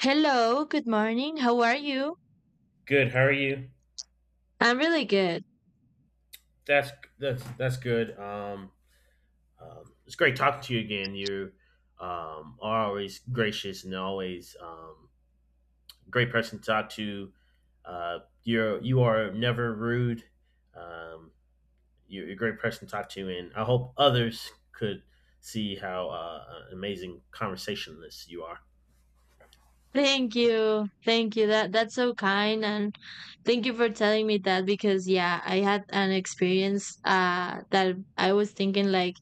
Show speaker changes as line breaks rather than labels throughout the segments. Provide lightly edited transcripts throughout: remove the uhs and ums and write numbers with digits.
Hello, good morning. How are you?
Good. How are you?
I'm really good.
That's that's good. It's great talking to you again. You are always gracious and always great person to talk to. You're you are never rude. Um, you're a great person to talk to, and I hope others could see how an amazing conversationalist you are.
Thank you. Thank you. That's so kind, and thank you for telling me that because yeah, I had an experience that I was thinking like,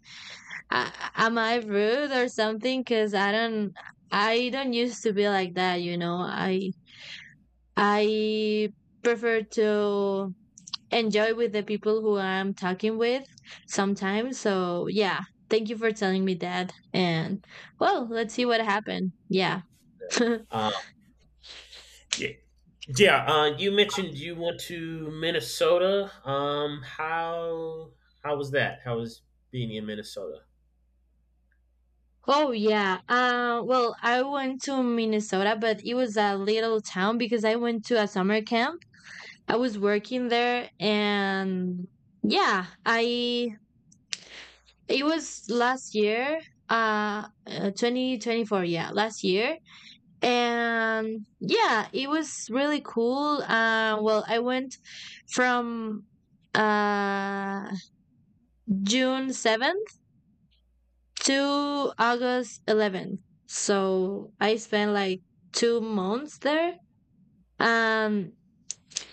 uh, am I rude or something, cuz I don't used to be like that. I prefer to enjoy with the people who I'm talking with sometimes. So yeah, thank you for telling me that. And well, let's see what happened. Yeah.
Uh, Yeah, you mentioned you went to Minnesota. How how was that? How was being in Minnesota?
Oh yeah. Well, I went to Minnesota, but it was a little town because I went to a summer camp. I was working there, and yeah, I it was last year, 2024. Yeah, last year, and yeah, it was really cool. Well, I went from uh, june 7th to august 11th, so I spent like 2 months there. um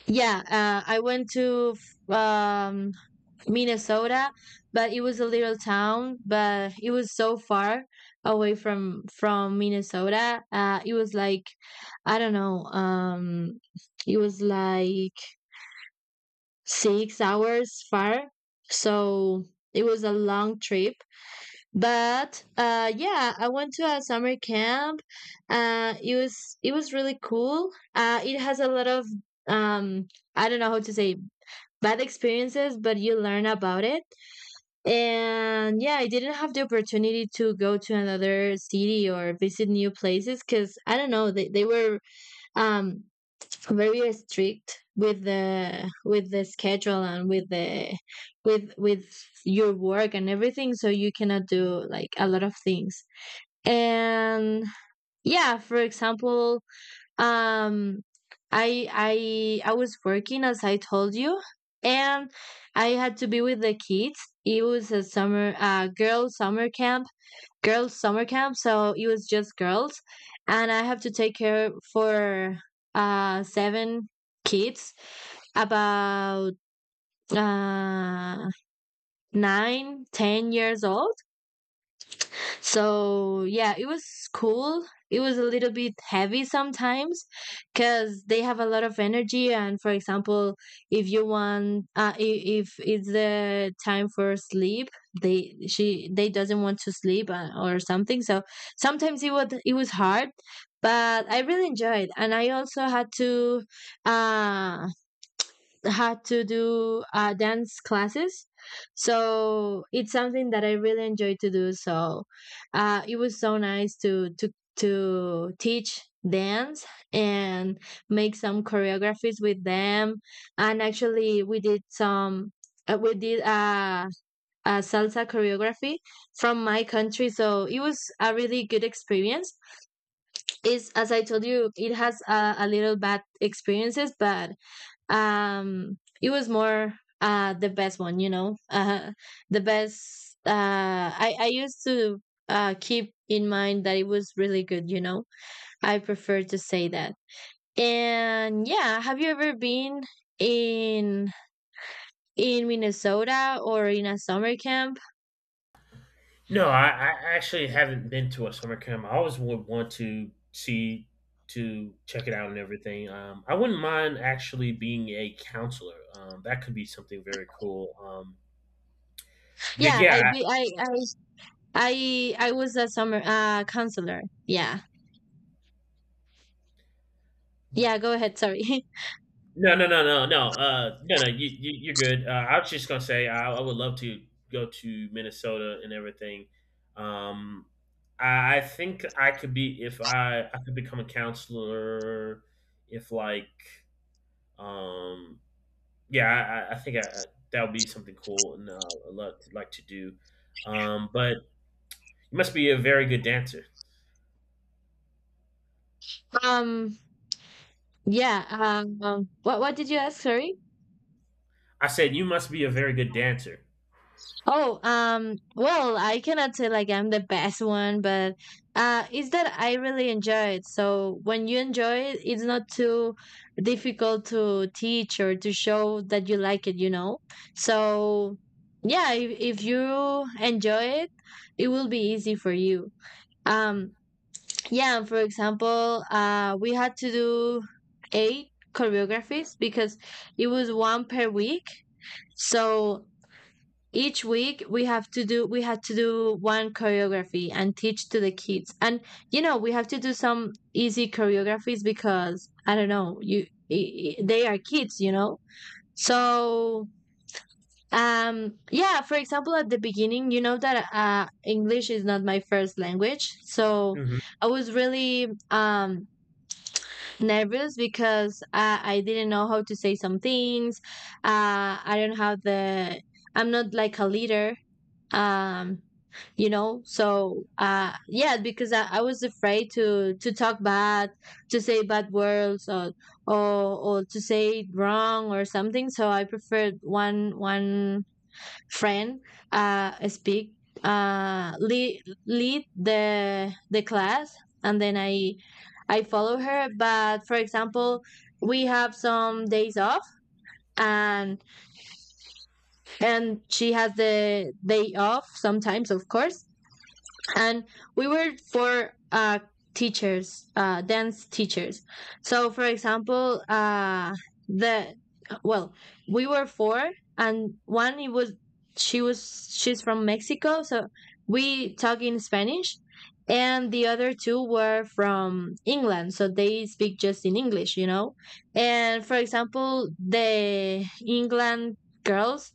Yeah, I went to f- um, Minnesota, but it was a little town, but it was so far away from Minnesota. It was like, I don't know. It was like 6 hours far, so it was a long trip. But yeah, I went to a summer camp. It was really cool. It has a lot of, um, I don't know how to say it, bad experiences, but you learn about it. And yeah, I didn't have the opportunity to go to another city or visit new places because I don't know, they were, um, very strict with the schedule and with the with your work and everything, so you cannot do like a lot of things. And yeah, for example, um, I was working, as I told you, and I had to be with the kids. It was a summer girls summer camp, so it was just girls, and I have to take care for seven kids about uh 9, 10 years old. So yeah, it was cool. It was a little bit heavy sometimes because they have a lot of energy. And for example, if you want, if it's the time for sleep, they doesn't want to sleep, or something. So sometimes it was hard, but I really enjoyed. And I also uh had to do dance classes. So it's something that I really enjoy to do. So it was so nice to teach dance and make some choreographies with them. And actually, we did some. We did a salsa choreography from my country, so it was a really good experience. Is as I told you, it has a little bad experiences, but um it was more the best one, you know, the best I Used to keep in mind that it was really good, you know. I prefer to say that. And yeah, have you ever been in in minnesota or in a summer camp?
No, I actually haven't been to a summer camp. I always would want to see to check it out and everything. I wouldn't mind actually being a counselor. That could be something very cool. But
Yeah, I
yeah,
be I was a summer counselor. Yeah. Yeah Go ahead, sorry.
No, no. You're good. I was just gonna say I would love to go to Minnesota and everything. Um, I think I could be if I could become a counselor. If like, um, yeah, I think I, that would be something cool and I'd love to, like to do. But you must be a very good dancer.
um yeah. What did you ask? Sorry.
I said, "You must be a very good dancer."
Oh, well, I cannot say like I'm the best one, but it's that I really enjoy it. So when you enjoy it, it's not too difficult to teach or to show that you like it, you know? So yeah, if you enjoy it, it will be easy for you. Um, yeah, for example, we had to do eight choreographies because it was one per week. So each week we had to do one choreography and teach to the kids. And you know We have to do some easy choreographies because I don't know, they are kids, you know. So yeah, for example, at the beginning, you know that english is not my first language, so
hmm
I was really nervous because I didn't know how to say some things. I don't have the I'm not like a leader, um you know. So because I was afraid to talk bad, to say bad words, or to say it wrong or something. So I preferred one friend speak uh lead lead the class, and then I follow her. But for example, we have some days off, and and she has the day off sometimes, of course. And we were four teachers dance teachers. So for example, the well, we were four, and one it was she was she's from mexico, so we talk in spanish, and the other two were from england, so they speak just in english, and for example, the england girls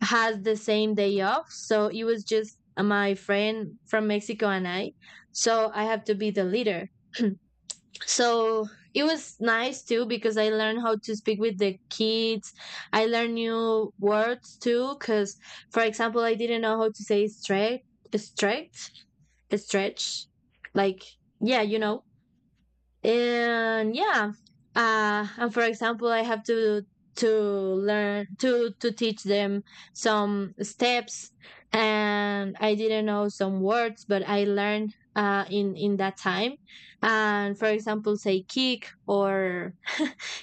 had the same day off. So it was just my friend from Mexico and I. So I have to be the leader. So it was nice too because I learned how to speak with the kids. I learned new words too because, for example, I didn't know how to say stretch, stretch, stretch. Like, yeah, and yeah, and for example, I have to learn to teach them some steps. And I didn't know some words, but I learned in that time. And for example, say kick, or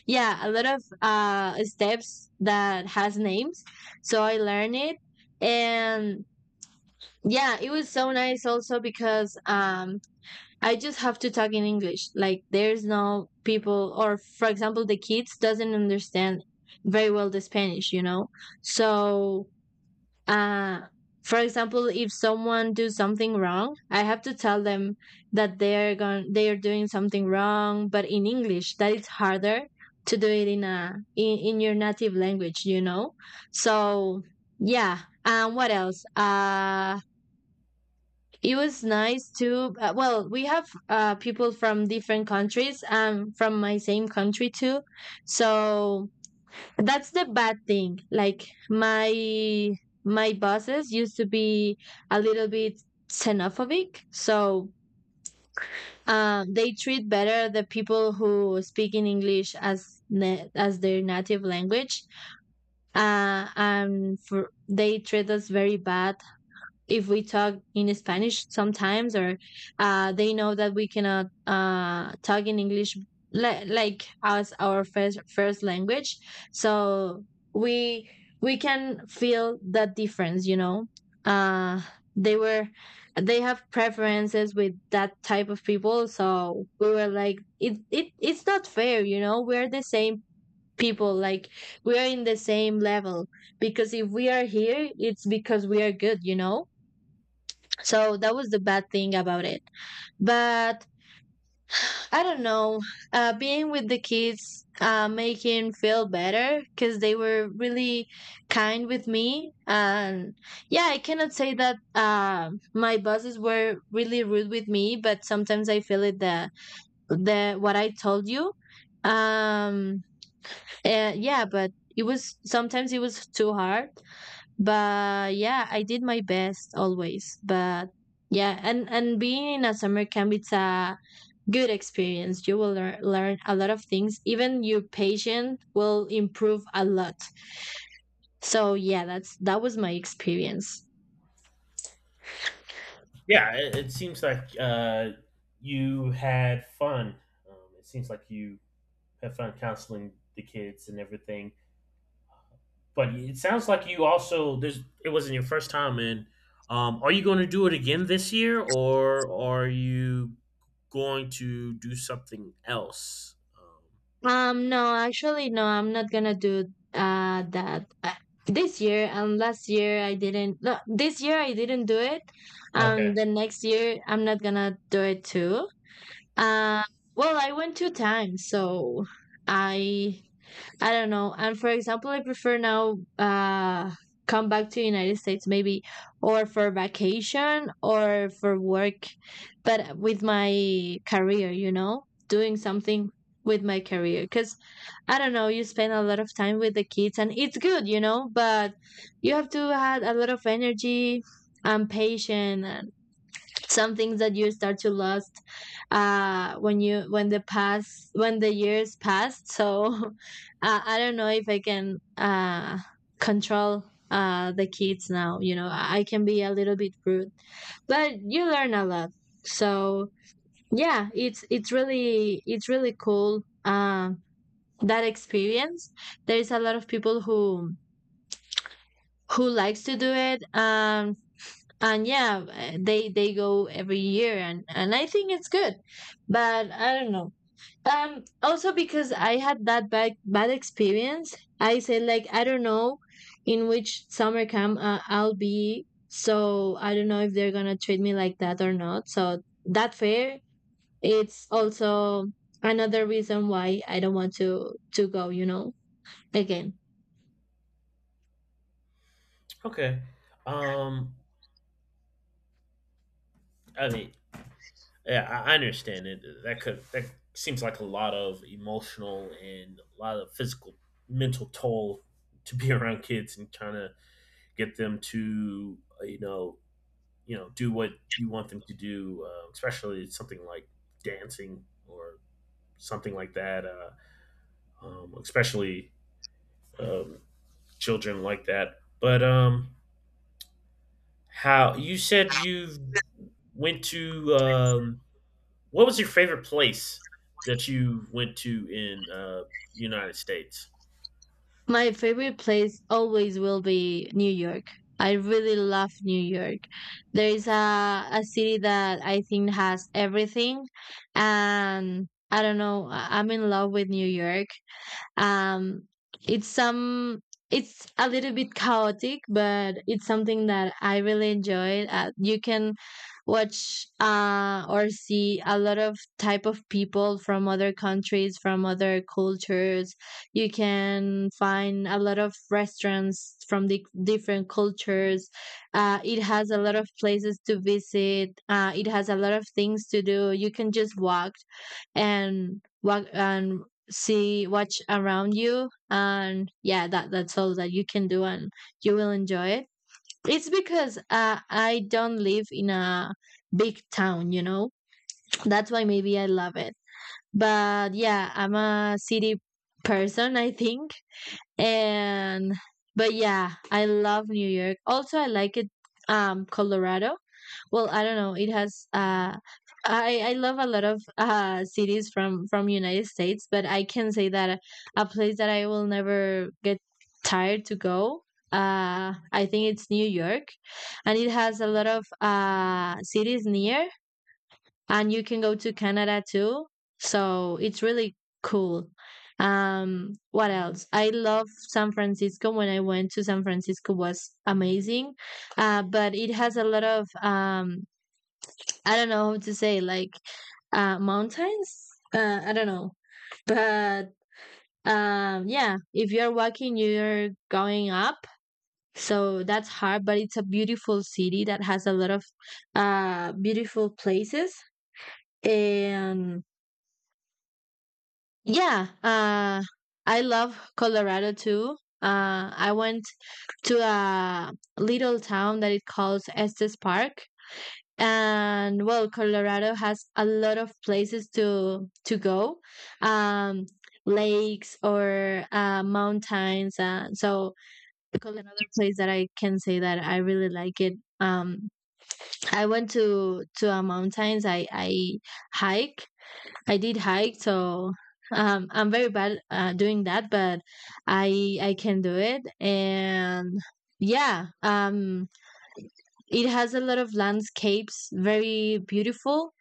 yeah, a lot of steps that has names, so I learned it. And yeah, it was so nice also because I just have to talk in English. Like there's no people or, for example, the kids doesn't understand very well the Spanish, you know. So, uh for example, if someone do something wrong, I have to tell them that they're going they are doing something wrong, but in English, that it's harder to do it in a in your native language, you know. So, yeah. What else? It was nice too. Well, we have people from different countries, from my same country too. So that's the bad thing. Like my bosses used to be a little bit xenophobic, so they treat better the people who speak in English as as their native language. And they treat us very bad if we talk in Spanish sometimes, or they know that we cannot talk in English like as our first language. So we we can feel that difference, you know. Uh, they were they have preferences with that type of people, so we were like, it's not fair, you know. We're the same people, like we are in the same level, because if we are here, it's because we are good, so that was the bad thing about it. But I don't know, being with the kids make him feel better because they were really kind with me. And yeah, I cannot say that my bosses were really rude with me, but sometimes I feel it, the what I told you. Um, yeah, but it was sometimes it was too hard. But yeah, I did my best always. But yeah, and being in a summer camp, it's a good experience. You will learn a lot of things. Even your patience will improve a lot. So yeah, that was my experience.
Yeah, it seems like you had fun. It seems like you had fun counseling the kids and everything. But it sounds like you also there's it wasn't your first time in. Are you going to do it again this year, or are you going to do something else?
No, actually no, I'm not gonna do that. This year and last year I didn't, no, this year I didn't do it.
Um, okay,
The next year I'm not gonna do it too. Uh, well, I went two times, so I I don't know. And for example, I prefer now come back to United States, maybe, or for vacation or for work, but with my career, you know, doing something with my career because I don't know, you spend a lot of time with the kids and it's good, you know, but you have to have a lot of energy and patience, some things that you start to lost when you when the past when the years passed. So I don't know if I can control the kids now, you know, I can be a little bit rude, but you learn a lot. So yeah, it's really cool. That experience, there's a lot of people who likes to do it. And yeah, they go every year, and I think it's good. But I don't know, also because I had that bad experience, I said like, I don't know in which summer camp I'll be, so I don't know if they're gonna treat me like that or not, so that fair, it's also another reason why I don't want to go, you know. Again.
okay. Um, I mean, yeah, I understand it. That could that seems like a lot of emotional and a lot of physical, mental toll to be around kids and trying to get them to you know do what you want them to do, especially something like dancing or something like that. Especially um, children like that. But how you said you went to what was your favorite place that you went to in United States?
My favorite place always will be New York. I really love New York. There is a city that I think has everything. And I don't know, I'm in love with New York. Um, it's some it's a little bit chaotic, but it's something that I really enjoyed. You can watch or see a lot of type of people from other countries, from other cultures. You can find a lot of restaurants from the different cultures. It has a lot of places to visit. It has a lot of things to do. You can just walk and walk and see watch around you, and yeah, that's all that you can do, and you will enjoy it. It's because I don't live in a big town. That's why maybe I love it. But yeah, I'm a city person, I think. And but yeah, I love New York. Also, I like it. Um, Colorado, well, I don't know, it has I love a lot of cities from United States, but I can say that a place that I will never get tired to go, I think it's New York. And it has a lot of cities near, and you can go to Canada too. So it's really cool. What else? I love San Francisco. When I went to San Francisco, was amazing, but it has a lot of I don't know how to say, like, mountains. I don't know, but yeah, if you're walking, you're going up. So that's hard, but it's a beautiful city that has a lot of beautiful places. And yeah, I love Colorado too. I went to a little town that it calls Estes Park, and well, Colorado has a lot of places to go, um, lakes or mountains. So Colorado another place that I can say that I really like it. Um, I went to a mountains. I hike I did hike, so I'm very bad doing that, but I can do it. And yeah, it has a lot of landscapes, very beautiful.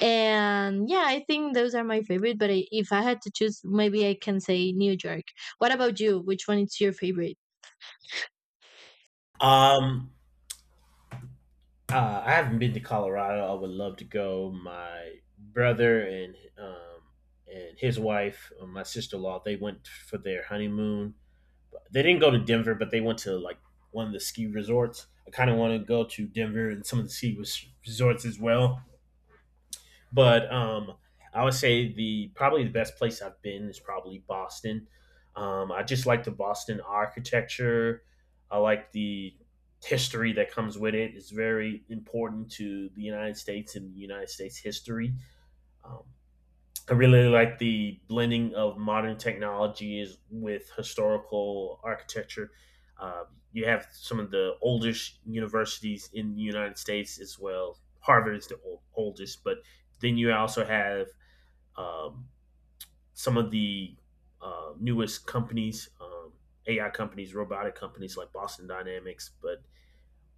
And yeah, I think those are my favorite. But I, if I had to choose, maybe I can say New York. What about you? Which one is your favorite?
Um, I haven't been to Colorado. I would love to go. My brother and his wife, my sister in law, they went for their honeymoon. They didn't go to Denver, but they went to like one of the ski resorts. I kind of want to go to Denver and some of the ski resorts as well. But I would say the probably the best place I've been is probably Boston. I just like the Boston architecture. I like the history that comes with it. It's very important to the United States and the United States history. Um, I really like the blending of modern technologies with historical architecture. Uh, you have some of the oldest universities in the United States as well. Harvard is the oldest, but then you also have um, some of the newest companies, AI companies, robotic companies like Boston Dynamics, but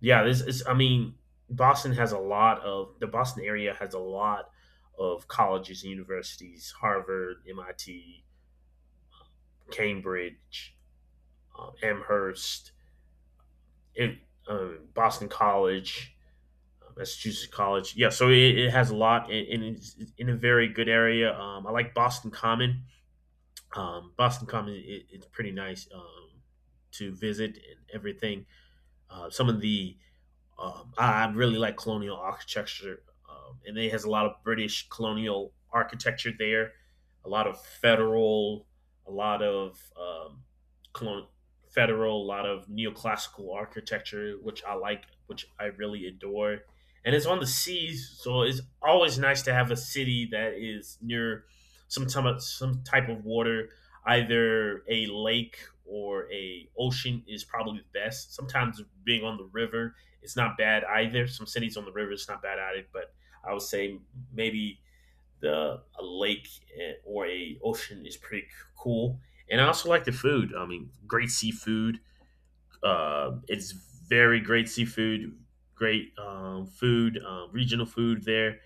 yeah, this is. I mean, Boston has a lot of the Boston area has a lot of colleges and universities: Harvard, MIT, Cambridge, Amherst, it, Boston College, Massachusetts College. Yeah, so it has a lot, and it's in a very good area. I like Boston Common. Boston Common, it's pretty nice to visit and everything. Some of the I really like colonial architecture, and it has a lot of British colonial architecture there, a lot of federal, a lot of colon- federal, a lot of neoclassical architecture, which I like, which I really adore. And it's on the seas, so it's always nice to have a city that is near some type of water, either a lake or a ocean is probably the best. Sometimes being on the river it's not bad either. Some cities on the river, it's not bad at it, but I would say maybe the a lake or a ocean is pretty cool. And I also like the food. I mean, great seafood. It's very great seafood, great food, regional food there.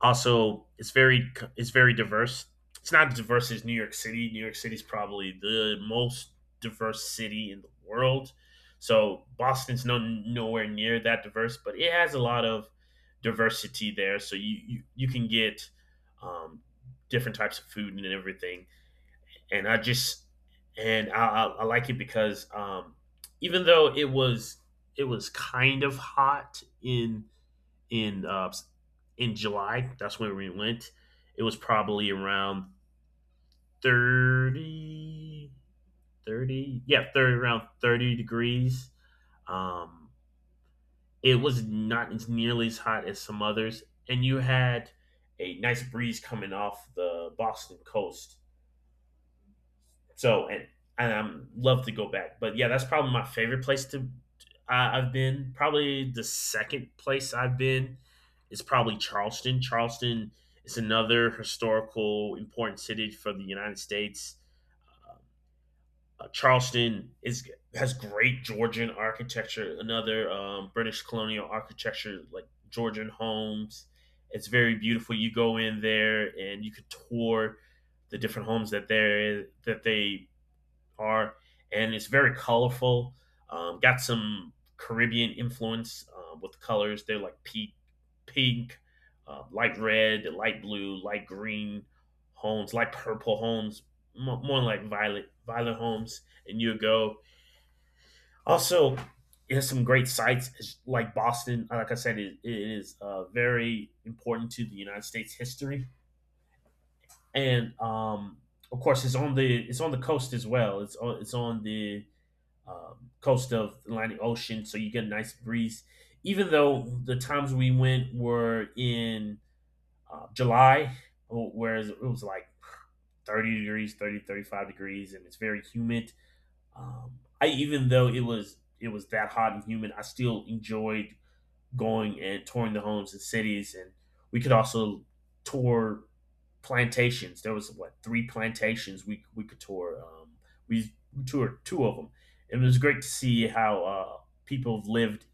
Also, it's very diverse. It's not as diverse as New York City. New York City is probably the most diverse city in the world. So Boston's no nowhere near that diverse, but it has a lot of diversity there. So you can get um, different types of food and everything. And I just and I like it because even though it was kind of hot in uh, in July. That's when we went. It was probably around 30, 30, around 30 degrees. Um, it was not as nearly as hot as some others. And you had a nice breeze coming off the Boston coast. So and I'm love to go back. But yeah, that's probably my favorite place to I've been. Probably the second place I've been is probably Charleston. Charleston is another historical important city for the United States. Uh, Charleston is has great Georgian architecture, another British colonial architecture like Georgian homes. It's very beautiful. You go in there and you could tour the different homes that there is par, and it's very colorful. Got some Caribbean influence with the colors. They're like pink, light red, light blue, light green homes, light purple homes, more like violet homes. And you go. Also, it has some great sites it's like Boston. Like I said, it is very important to the United States history, and of course, it's on the coast as well. It's on the coast of the Atlantic Ocean, so you get a nice breeze. Even though the times we went were in July, whereas it was like 30 degrees, 30, 35 degrees, and it's very humid. I even though it was that hot and humid, I still enjoyed going and touring the homes and cities, and we could also tour plantations. There was what three plantations we could tour. We, toured two of them. It was great to see how people lived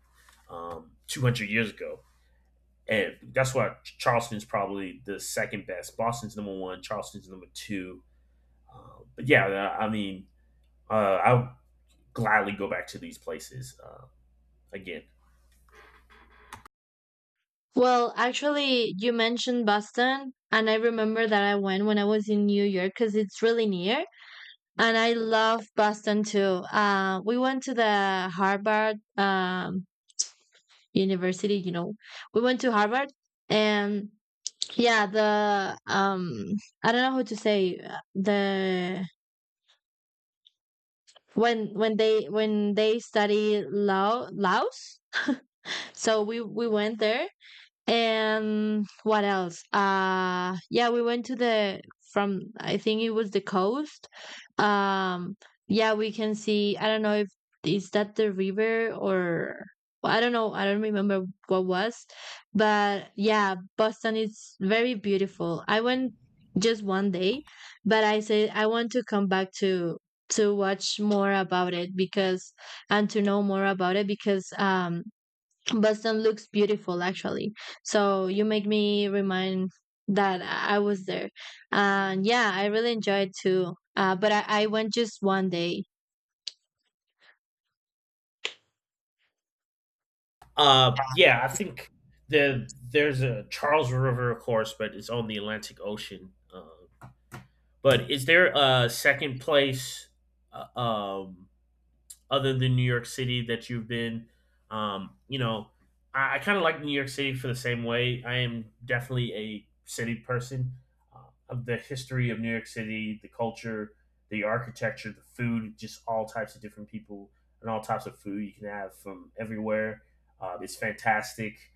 200 years ago, and that's why Charleston's probably the second best. Boston's number one. Charleston's number two. I mean, I'll gladly go back to these places again.
Well, actually, you mentioned Boston, and I remember that I went when I was in New York because it's really near. And I love Boston too. We went to the Harvard University, you know, we went to Harvard, and yeah, the, I don't know how to say, the, when they study law, laws. So we went there. And what else? Yeah, we went to the, from, I think it was the coast. Um, yeah, we can see, I don't know if is that the river or, I don't know, I don't remember what was, but yeah, Boston is very beautiful. I went just 1 day, but I said I want to come back to watch more about it because, and to know more about it, because um, Boston looks beautiful actually. So you make me remind that I was there. And yeah, I really enjoyed too. But I went just 1 day.
Yeah, I think there's a Charles River, of course, but it's on the Atlantic Ocean. But is there a second place uh, um, other than New York City that you've been? You know, I kind of like New York City for the same way. I am definitely a city person. Uh, of the history of New York City, the culture, the architecture, the food, just all types of different people and all types of food you can have from everywhere. It's fantastic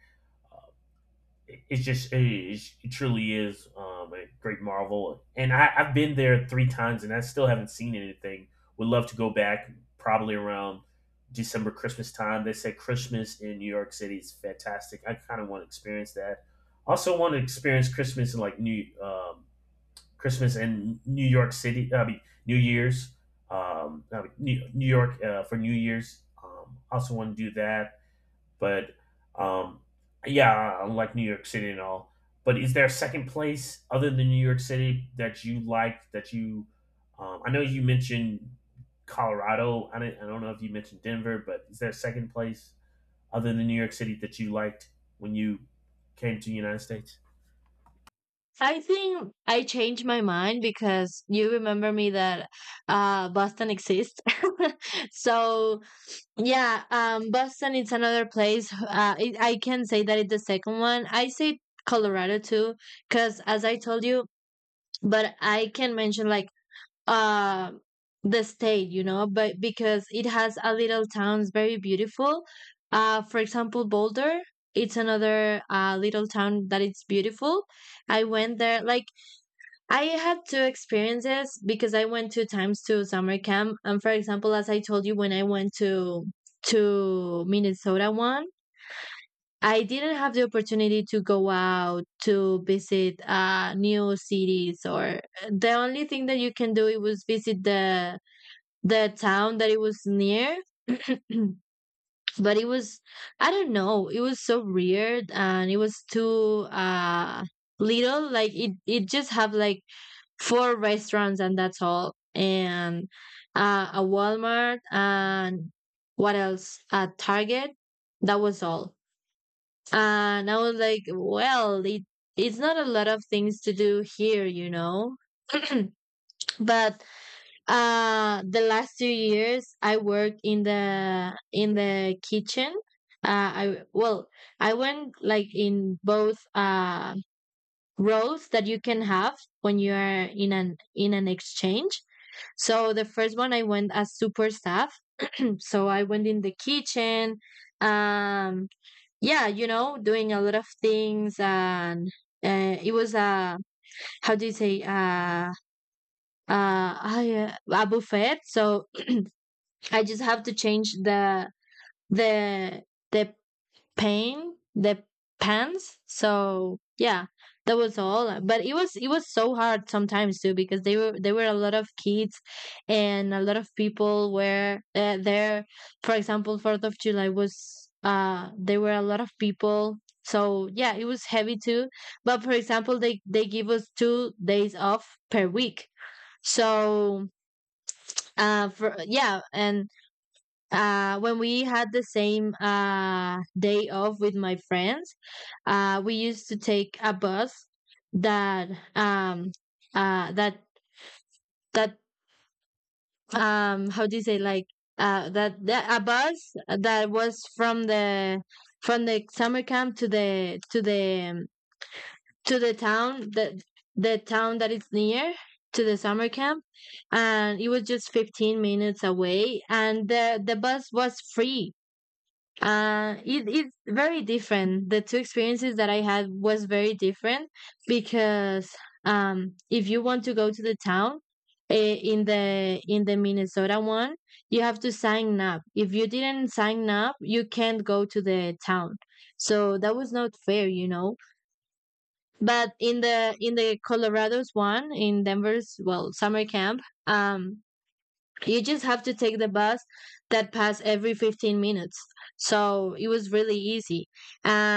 it truly is a great marvel and I've been there three times and I still haven't seen anything would love to go back probably around december christmas time they said christmas in new york city is fantastic I kind of want to experience that also want to experience christmas in like new christmas in new york city I mean new year's I mean, new york for new year's also want to do that but um, yeah, I like New York City and all. But is there a second place other than New York City that you like? I know you mentioned Colorado. I don't know if you mentioned Denver, but is there a second place other than New York City that you liked when you came to the United States?
I think I changed my mind because you remember me that Boston exists. So yeah, Boston is another place. I can say that it's the second one. I say Colorado too, because as I told you, but I can mention like uh, the state, you know, but because it has a little towns very beautiful. For example, Boulder, it's another little town that it's beautiful. I went there, like I had two experiences because I went two times to summer camp. And for example, as I told you, when I went to Minnesota one, I didn't have the opportunity to go out to visit new cities or the only thing that you can do it was visit the town that it was near, but it was, I don't know, it was so weird, and it was too little. Like, it just have like four restaurants, and that's all, and a Walmart and what else, a Target. That was all. And I was like, well, it it's not a lot of things to do here, you know. But the last 2 years I worked in the kitchen. I well, I went like in both roles that you can have when you are in an exchange. So the first one I went as super staff. So I went in the kitchen. Um, yeah, you know, doing a lot of things, and uh, it was a, how do you say, a buffet. So I just have to change the the the pain, the pants. So yeah, that was all. But it was, it was so hard sometimes too, because they were there were a lot of kids, and a lot of people were there. For example, 4th of July was, there were a lot of people. So yeah, it was heavy too. But for example, they give us 2 days off per week. So for yeah, and when we had the same day off with my friends, we used to take a bus that, um, uh, that that how do you say, like, that, that a bus that was from the summer camp to the to the town, the town that is near to the summer camp. And it was just 15 minutes away, and the bus was free. It, it's very different. The two experiences that I had was very different, because um, if you want to go to the town, in the Minnesota one, you have to sign up. If you didn't sign up, you can't go to the town. So that was not fair, you know. But in the Colorado's one, in Denver's well summer camp, um, you just have to take the bus that pass every 15 minutes. So it was really easy. And